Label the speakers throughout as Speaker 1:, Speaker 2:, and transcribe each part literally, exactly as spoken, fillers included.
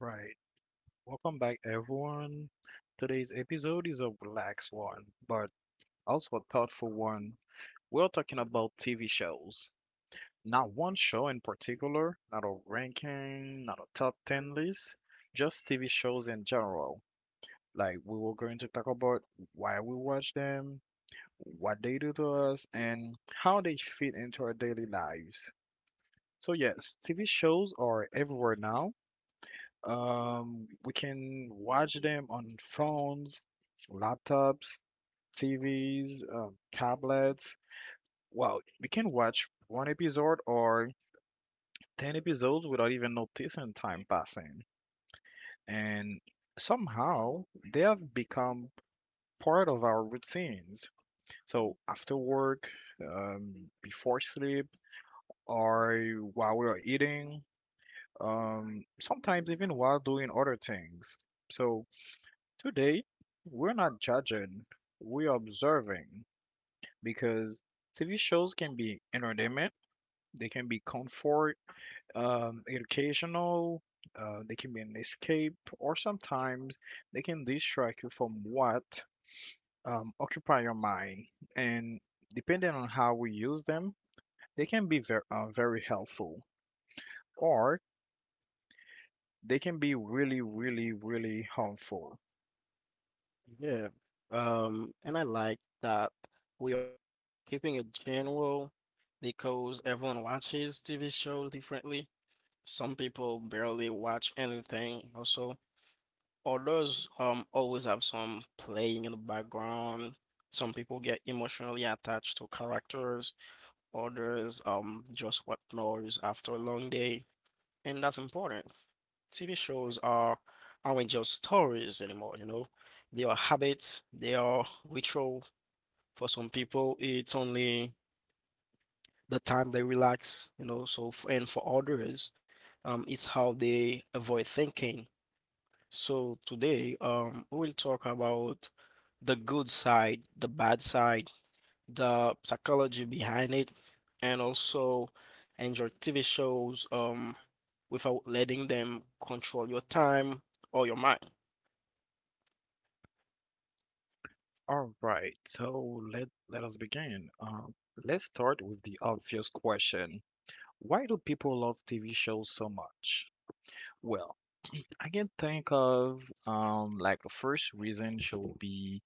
Speaker 1: Right. Welcome back, everyone. Today's episode is a relaxed one, but also a thoughtful one. We're talking about T V shows. Not one show in particular, not a ranking, not a top ten list, just T V shows in general. Like, we were going to talk about why we watch them, what they do to us, and how they fit into our daily lives. So, yes, T V shows are everywhere now. Um, we can watch them on phones, laptops, T Vs, um, tablets. Well, we can watch one episode or ten episodes without even noticing time passing. And somehow they have become part of our routines. So after work, um, before sleep, or while we are eating, um, sometimes even while doing other things. So today, we're not judging, we're observing because T V shows can be entertainment, they can be comfort, um, educational, uh, they can be an escape, or sometimes they can distract you from what um, occupy your mind. And depending on how we use them, they can be very, uh, very helpful, or they can be really, really, really harmful.
Speaker 2: Yeah. Um, and I like that we are keeping it general because everyone watches T V shows differently. Some people barely watch anything also. Others um always have some playing in the background. Some people get emotionally attached to characters, others um just want noise after a long day and that's important. T V shows are aren't just stories anymore, you know. They are habits, they are ritual. For some people, it's only the time they relax, you know. So f- and for others, um, it's how they avoid thinking. So today, um, we'll talk about the good side, the bad side, the psychology behind it, and also enjoy T V shows um, without letting them control your time or your mind.
Speaker 1: All right, so let let us begin. Uh, let's start with the obvious question. Why do people love T V shows so much? Well, I can think of um like the first reason should be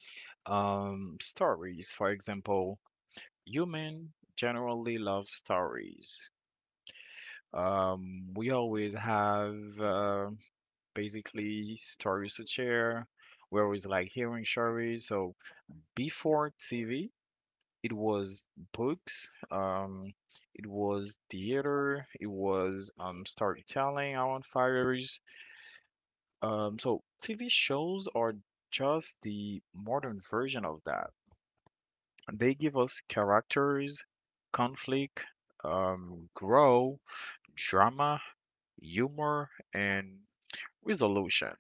Speaker 1: um stories. For example, human generally love stories. Um, we always have uh, basically stories to share. We're always like hearing stories. So before T V. It was books, um, it was theater, it was um, storytelling, on fires. Um, so T V shows are just the modern version of that. They give us characters, conflict, um, grow, drama, humor, and resolution.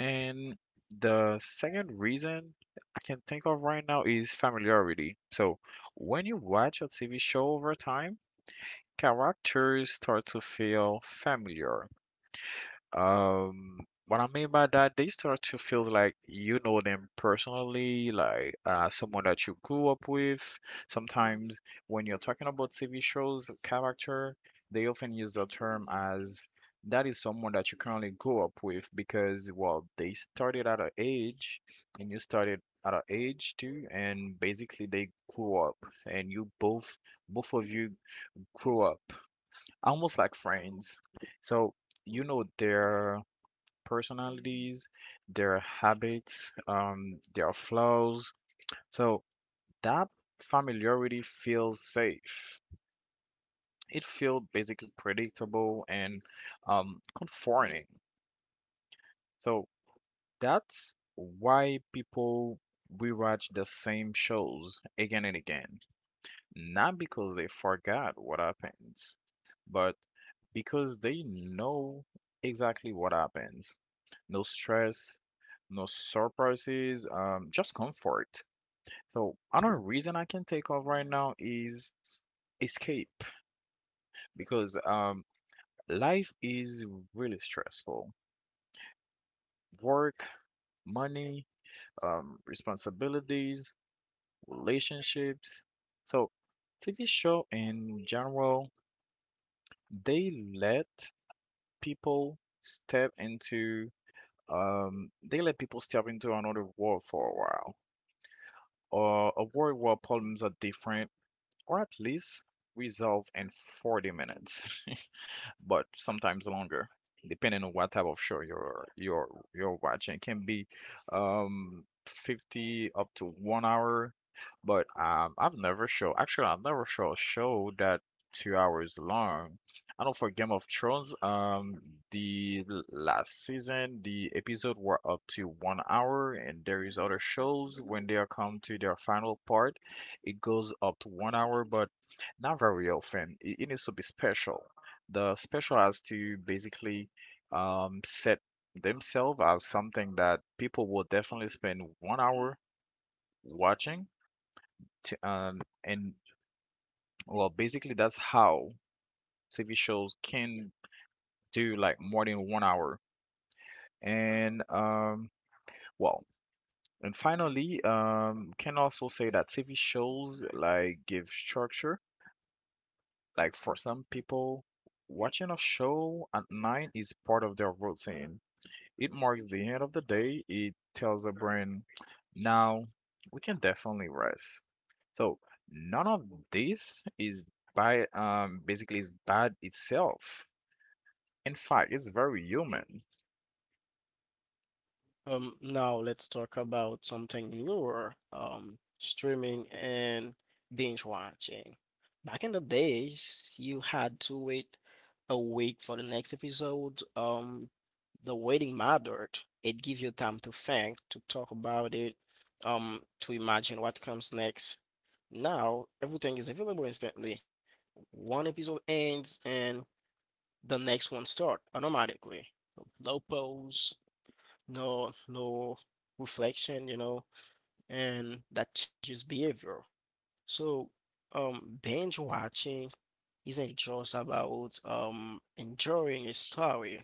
Speaker 1: And the second reason I can think of right now is familiarity. So when you watch a T V show over time, characters start to feel familiar. Um, what I mean by that, they start to feel like you know them personally, like uh, someone that you grew up with. Mm-hmm. Sometimes when you're talking about T V shows, character, they often use the term as that is someone that you currently grew up with because, well, they started at an age and you started at an age too, and basically they grew up and you both, both of you grew up almost like friends. So you know their personalities, their habits, um, their flaws. So that familiarity feels safe. It feels basically predictable and um, comforting. So that's why people rewatch the same shows again and again. Not because they forgot what happens, but because they know exactly what happens. No stress, no surprises, um, just comfort. So another reason I can take off right now is escape because um, life is really stressful. Work, money, um, responsibilities, relationships. So T V show in general, they let people step into um, they let people step into another world for a while, or a world where problems are different, or at least resolved in forty minutes. But sometimes longer, depending on what type of show you're you're you're watching. It can be um fifty up to one hour, but um I've never show actually I've never show a show that two hours long. I know for Game of Thrones, um, the l- last season, the episode were up to one hour, and there is other shows when they are come to their final part, it goes up to one hour, but not very often. It, it needs to be special. The special has to basically um, set themselves as something that people will definitely spend one hour watching to um, and well basically that's how T V shows can do like more than one hour and um well and finally um can also say that T V shows like give structure like for some people watching a show at night is part of their routine. It marks the end of the day. It tells the brain, now we can definitely rest. So none of this is by um basically is bad itself. In fact, it's very human.
Speaker 2: Um, now let's talk about something newer, um, streaming and binge watching. Back in the days, you had to wait a week for the next episode. Um, the waiting mattered. It gave you time to think, to talk about it, um, to imagine what comes next. Now everything is available instantly. One episode ends and the next one starts automatically. No pause, no no reflection, you know, and that changes behavior. So, um, Binge watching isn't just about um enjoying a story.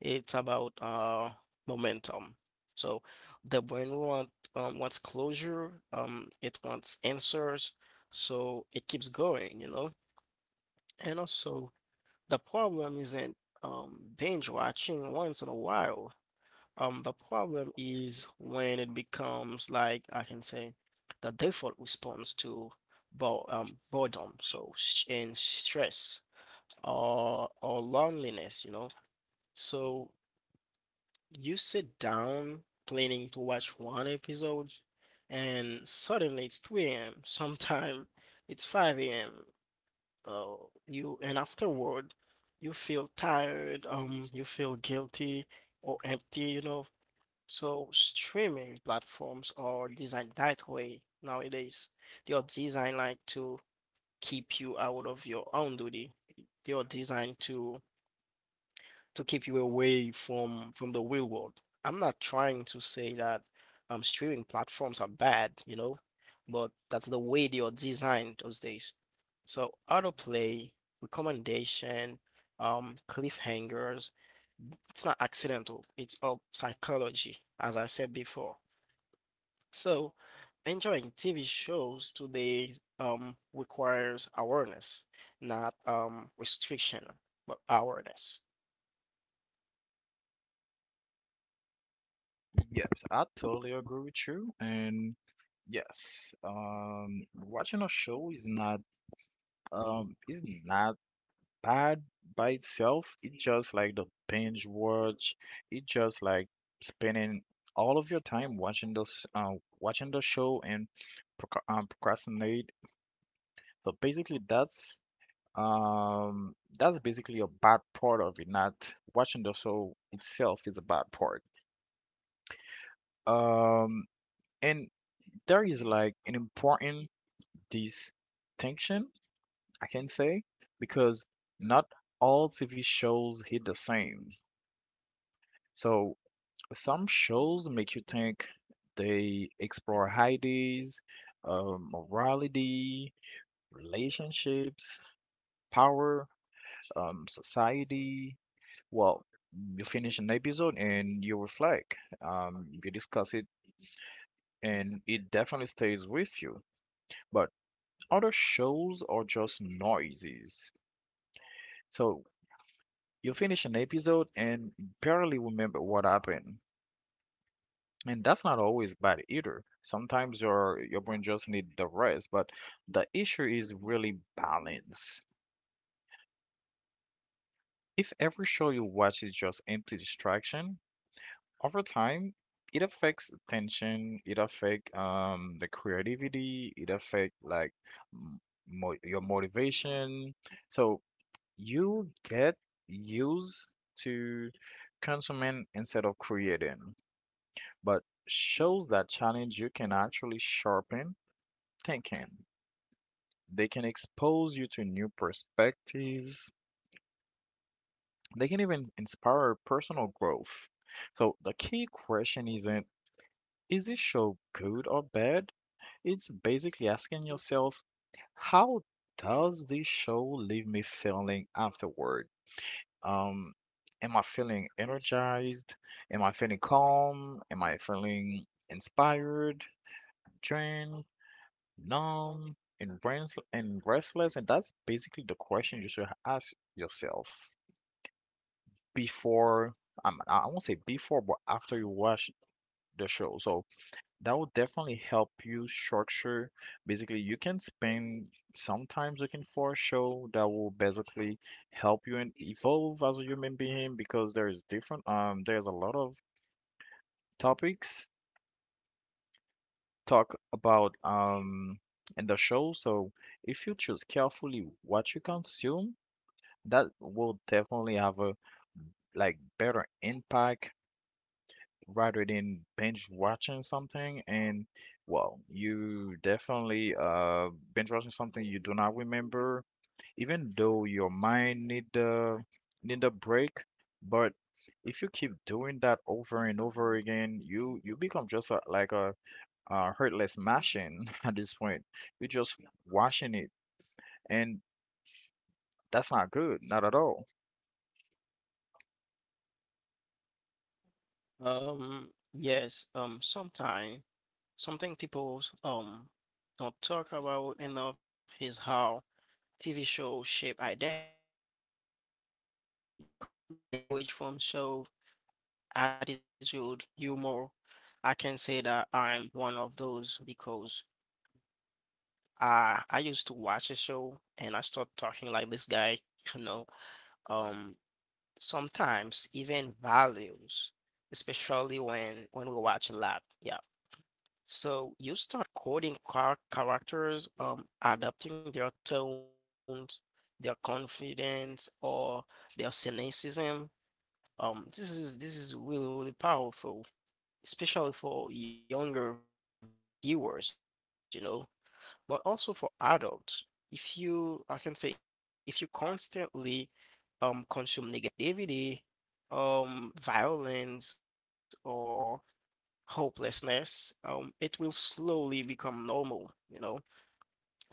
Speaker 2: It's about uh momentum. So the brain want um, wants closure, um, it wants answers, so it keeps going, you know. And also the problem isn't um binge watching once in a while. Um, the problem is when it becomes, like, I can say the default response to bo um, boredom, so sh and stress or or loneliness, you know. So you sit down planning to watch one episode, and suddenly it's three a m Sometime it's five a m. Uh, you and afterward you feel tired, um, you feel guilty or empty, you know, so streaming platforms are designed that way nowadays. They are designed, like, to keep you out of your own duty. They are designed to to keep you away from from the real world. I'm not trying to say that um streaming platforms are bad, you know, but that's the way they are designed those days. So autoplay, recommendation, um, cliffhangers, it's not accidental. It's all psychology, as I said before. So, enjoying T V shows today um, requires awareness, not um, restriction, but awareness.
Speaker 1: Yes, I totally agree with you. And yes, um, watching a show is not um is not bad by itself. It's just like the binge watch. It's just like spending all of your time watching those, uh, watching the show and proc- um, procrastinate. So basically, that's um, that's basically a bad part of it. Not watching the show itself is a bad part. Um, and there is like an important distinction, I can say, because not all T V shows hit the same. So some shows make you think, they explore ideas, um, morality, relationships, power, um, society. Well, you finish an episode and you reflect, um, you discuss it, and it definitely stays with you. But other shows are just noises. So you finish an episode and barely remember what happened. And that's not always bad either. Sometimes your your brain just need the rest, but the issue is really balance. If every show you watch is just empty distraction, over time it affects attention, it affect um the creativity, it affect like m- mo your motivation. So you get used to consuming instead of creating. But shows that challenge you can actually sharpen thinking. They can expose you to new perspectives. They can even inspire personal growth. So the key question isn't, is this show good or bad? It's basically asking yourself, how does this show leave me feeling afterward? Um, am I feeling energized? Am I feeling calm? Am I feeling inspired, drained? Numb and brains and restless, and that's basically the question you should ask yourself before um, i I won't say before but after you watch the show. So that will definitely help you structure. Basically you can spend sometimes looking for a show that will basically help you and evolve as a human being because there is different um there's a lot of topics talk about um in the show. So if you choose carefully what you consume, that will definitely have a like better impact rather than binge watching something and well you definitely uh binge watching something you do not remember even though your mind need the need a break. But if you keep doing that over and over again, you you become just a, like a, a hurtless machine at this point. You're just watching it, and that's not good, not at all.
Speaker 2: Um, yes, um, Sometimes something people um, don't talk about enough is how T V shows shape identity. You know, um, we pick up language from show, attitude, humor. I can say that I'm one of those because Uh, I used to watch a show and I start talking like this guy, you know. Um, sometimes even values, especially when when we watch a lot. Yeah. So you start quoting char characters, um, adapting their tones, their confidence, or their cynicism. Um, this is this is really really powerful, especially for younger viewers, you know, but also for adults. If you, I can say, if you constantly um, consume negativity, um, violence, or hopelessness, um, it will slowly become normal, you know?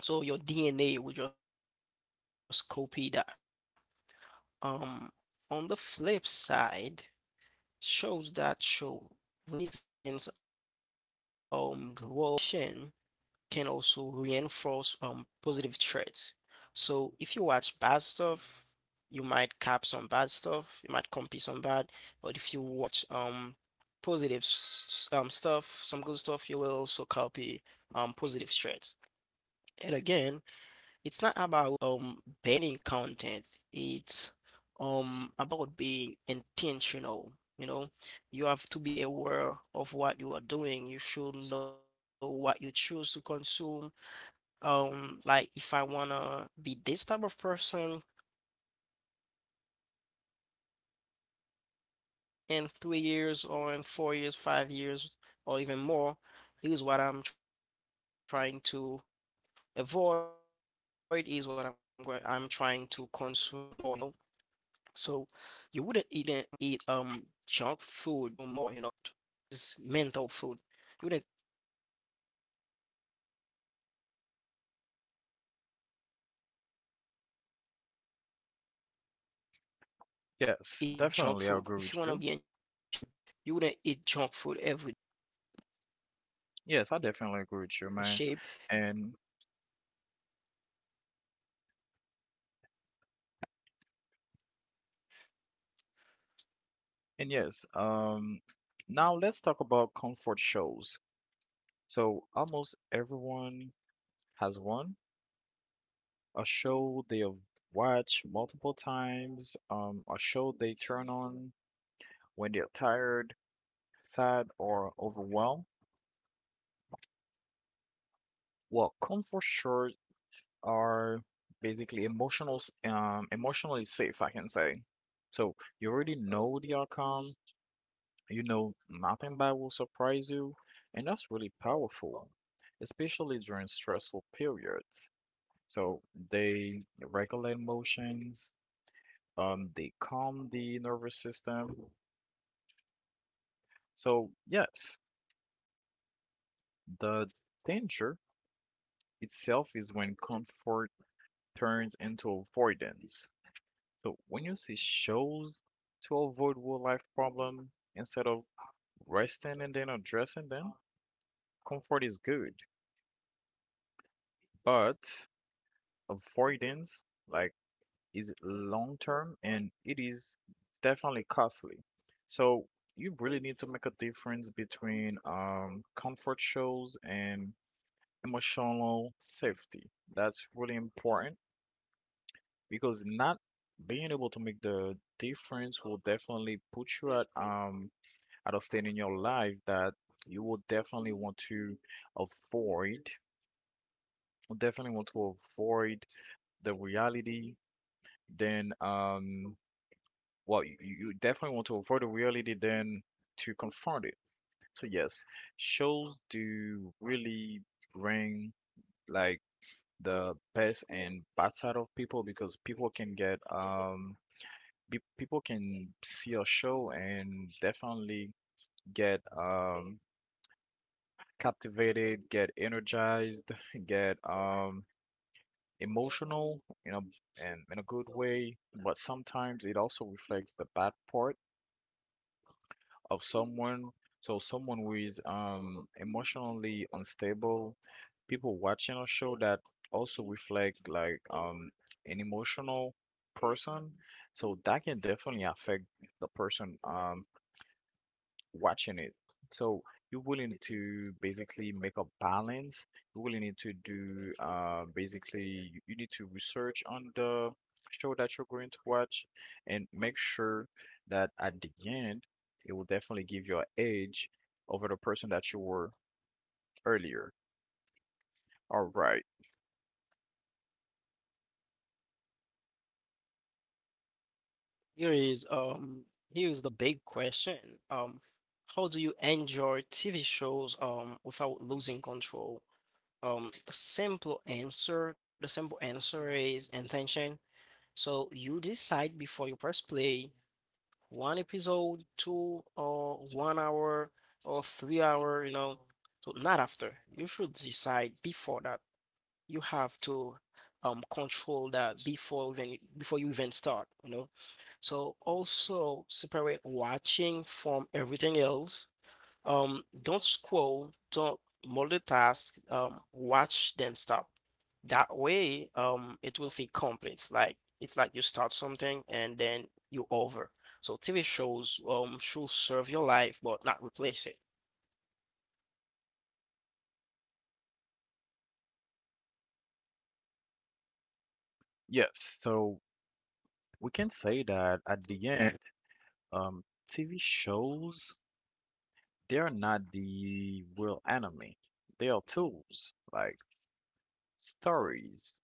Speaker 2: So your D N A will just copy that. Um, on the flip side, shows that show resilience, um, growth, discipline, or um, redemption can also reinforce um positive traits. So if you watch bad stuff, you might cap some bad stuff, you might copy some bad, but if you watch um positive um stuff, some good stuff, you will also copy um positive traits. And again, it's not about um banning content. It's um about being intentional. You know, you have to be aware of what you are doing. You should know what you choose to consume. Um, like if I wanna be this type of person in three years or in four years, five years, or even more, here's what I'm trying to avoid, is what I'm going I'm trying to consume more, you know. So you wouldn't eat So you wouldn't eat um junk food um every meal, you know? This is mental food. You wouldn't eat junk food. If you want to be in shape, you wouldn't eat junk food every
Speaker 1: Yes,
Speaker 2: day.
Speaker 1: definitely, I agree with you. Yes, I definitely agree with you, man. And and yes, um, now let's talk about comfort shows. So almost everyone has one, a show they have watched multiple times, um, a show they turn on when they're tired, sad, or overwhelmed. Well, comfort shows are basically emotional, s- um, emotionally safe, I can say. So you already know the outcome. You know, nothing bad will surprise you, and that's really powerful, especially during stressful periods. So they regulate emotions, um, they calm the nervous system. So yes, the danger itself is when comfort turns into avoidance. So when you see shows to avoid real life problem instead of resting and then addressing them, comfort is good, but avoidance like is long term and it is definitely costly. So you really need to make a difference between um, comfort shows and emotional safety. That's really important because not being able to make the difference will definitely put you at um at a state in your life that you will definitely want to avoid, definitely want to avoid the reality. Then um well, you, you definitely want to avoid the reality than to confront it. So yes, shows do really bring like the best and bad side of people because people can get um be, people can see a show and definitely get um captivated, get energized, get um emotional, you know, and in a good way. But sometimes it also reflects the bad part of someone. So someone who is um emotionally unstable, people watching a show that also reflect like um an emotional person. So that can definitely affect the person um watching it. So you really need to basically make a balance. You really need to do uh, basically you you need to research on the show that you're going to watch and make sure that at the end it will definitely give you an edge over the person that you were earlier. All right. Yes. So we can say that at the end, um, T V shows, they're not the real enemy. They are tools. Like stories,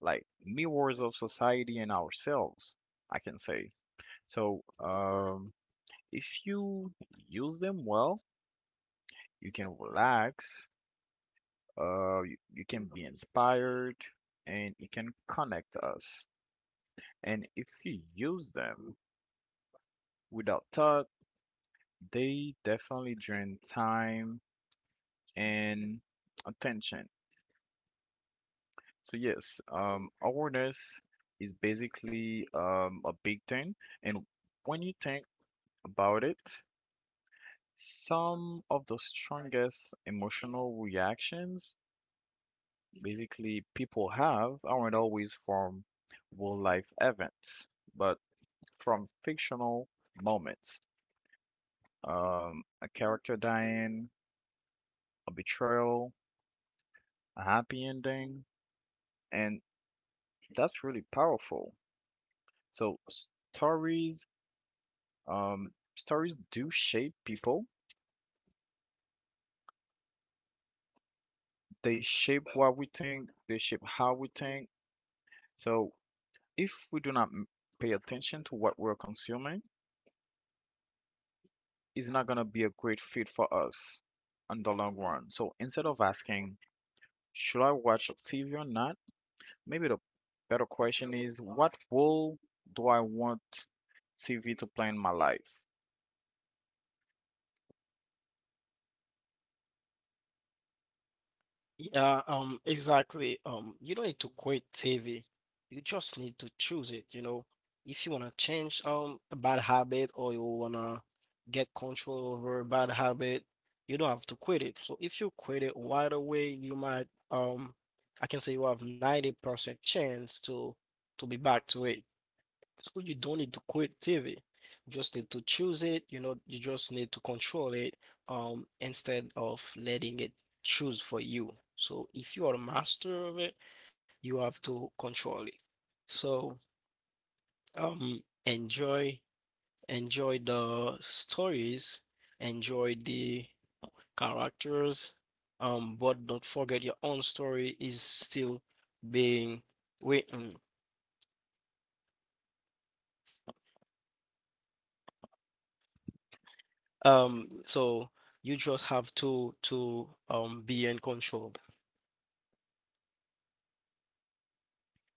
Speaker 1: like mirrors of society and ourselves, I can say. So, um, if you use them well, you can relax, uh, you, you can be inspired, and it can connect us. And if you use them without thought, they definitely drain time and attention. So, yes, um, awareness is basically um, a big thing. And when you think about it, some of the strongest emotional reactions basically people have aren't always from real life events, but from fictional moments. Um, a character dying, a betrayal, a happy ending, and that's really powerful. So stories, um, stories do shape people. They shape what we think, they shape how we think. So if we do not m- pay attention to what we're consuming, it's not going to be a great fit for us in the long run. So instead of asking, should I watch T V or not? Maybe the better question is, what role do I want T V to play in my life?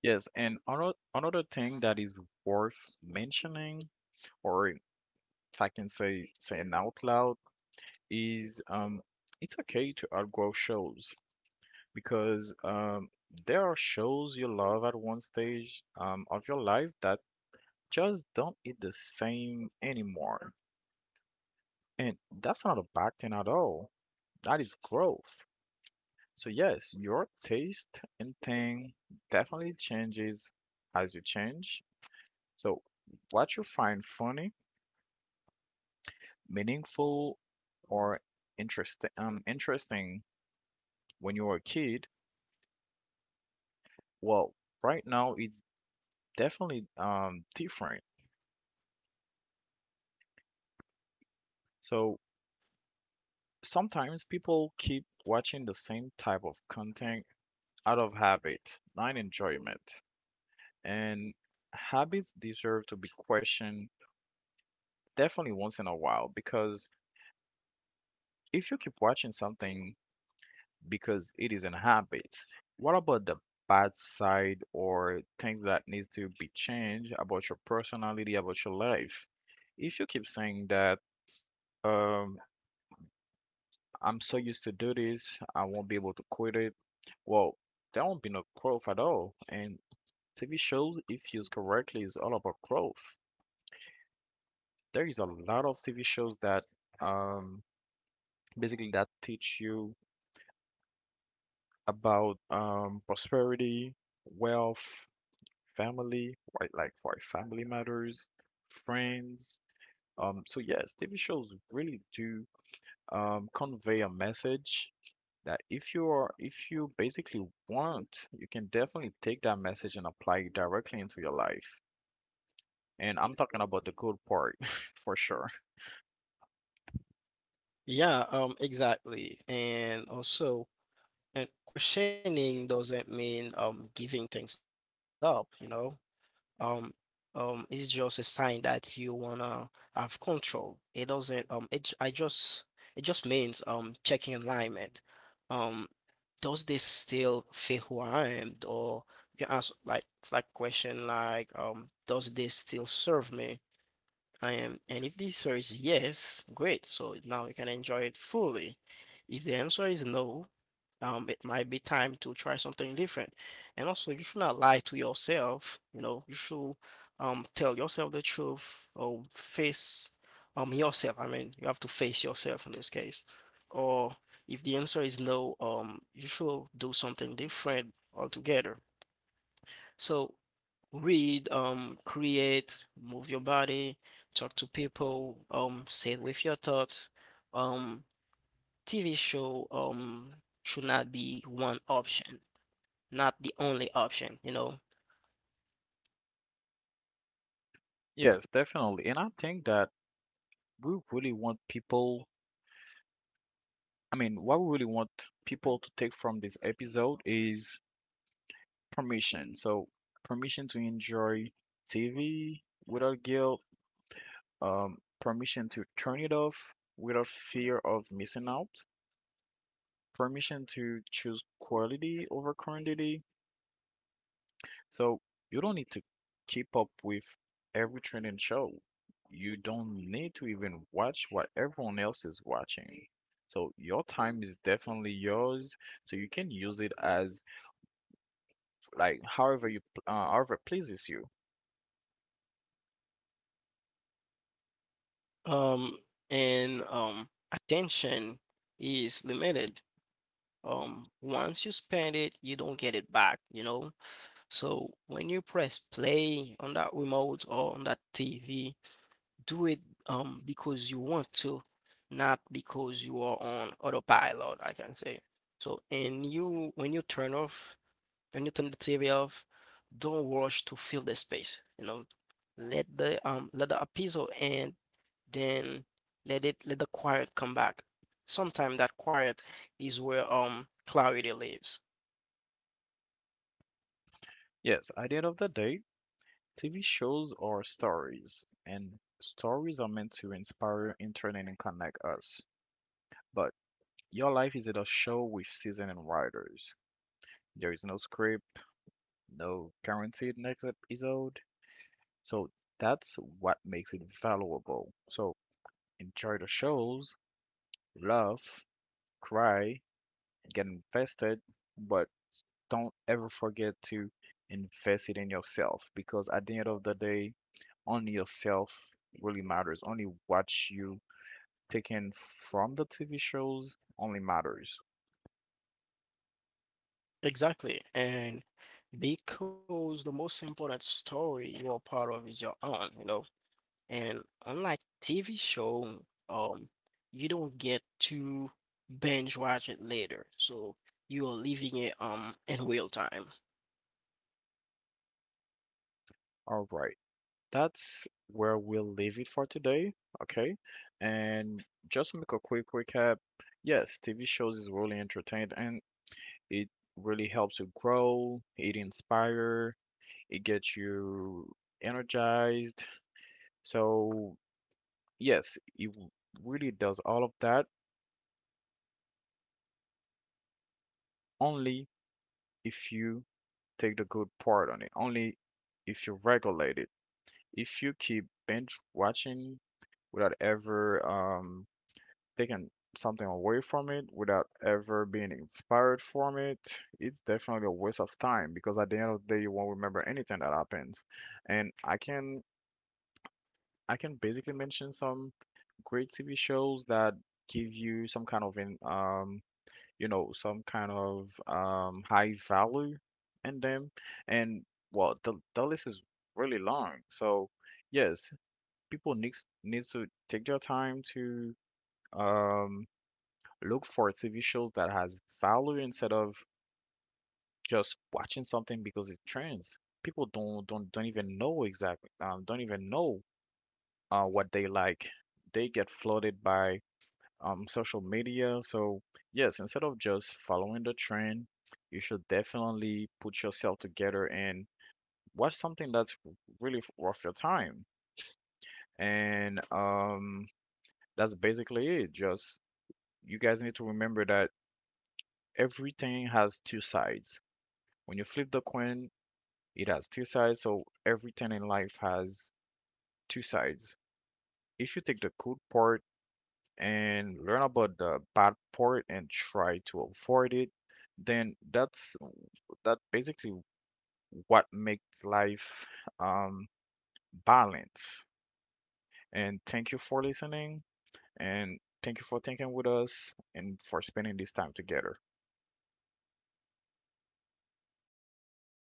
Speaker 1: Yes, and another another thing that is worth mentioning, or if I can say say it out loud, is um, it's okay to outgrow shows. Because um, there are shows you love at one stage um, of your life that just don't hit the same anymore. And that's not a bad thing at all. That is growth. So, yes, your taste in thing definitely changes as you change. So, what you find funny, meaningful, or interesting, um, interesting when you were a kid, well, right now it's definitely um, different. So, sometimes people keep watching the same type of content out of habit, not enjoyment. And habits deserve to be questioned definitely once in a while because if you keep watching something because it is an habit, what about the bad side or things that need to be changed about your personality, about your life? If you keep saying that, um I'm so used to do this, I won't be able to quit it. Well, there won't be no growth at all. And T V shows, if used correctly, is all about growth. There is a lot of T V shows that um, basically that teach you about um, prosperity, wealth, family, right? Like for family matters, friends. Um, so yes, T V shows really do um, convey a message that if you are if you basically want, you can definitely take that message and apply it directly into your life. And I'm talking about the good part for sure. Yes, definitely. And I think that we really want people, I mean, what we really want people to take from this episode is permission. So, permission to enjoy T V without guilt, um, permission to turn it off without fear of missing out, permission to choose quality over quantity. So you don't need to keep up with every trending show. You don't need to even watch what everyone else is watching. So your time is definitely yours. So you can use it as like however you pl- uh, however pleases you. Yes, at the end of the day, T V shows are stories, and stories are meant to inspire, entertain, and connect us. But your life is a show with seasoned writers. There is no script, no guaranteed next episode. So that's what makes it valuable. So enjoy the shows, laugh, cry, get invested, but don't ever forget to invest it in yourself because at the end of the day, only yourself really matters. Only what you take in from the T V shows only matters. All right. That's where we'll leave it for today. Okay. And just to make a quick recap. Yes, T V shows is really entertained and it really helps you grow, it inspire, it gets you energized. So yes, it w- really does all of that only if you take the good part on it, only if you regulate it. If you keep binge watching without ever um taken something away from it without ever being inspired from it, it's definitely a waste of time because at the end of the day, you won't remember anything that happens. And I can I can basically mention some great T V shows that give you some kind of in um you know some kind of um high value in them. And well, the the list is really long, so yes, people needs needs to take their time to um look for T V shows that has value instead of just watching something because it trends. People don't don't don't even know exactly um, don't even know uh, what they like. They get flooded by um, social media. So yes, instead of just following the trend, you should definitely put yourself together and watch something that's really f- worth your time. And um, that's basically it. Just you guys need to remember that everything has two sides. When you flip the coin, it has two sides, so everything in life has two sides. If you take the good part and learn about the bad part and try to avoid it, then that's that basically what makes life um balance. And thank you for listening and thank you for thinking with us and for spending this time together.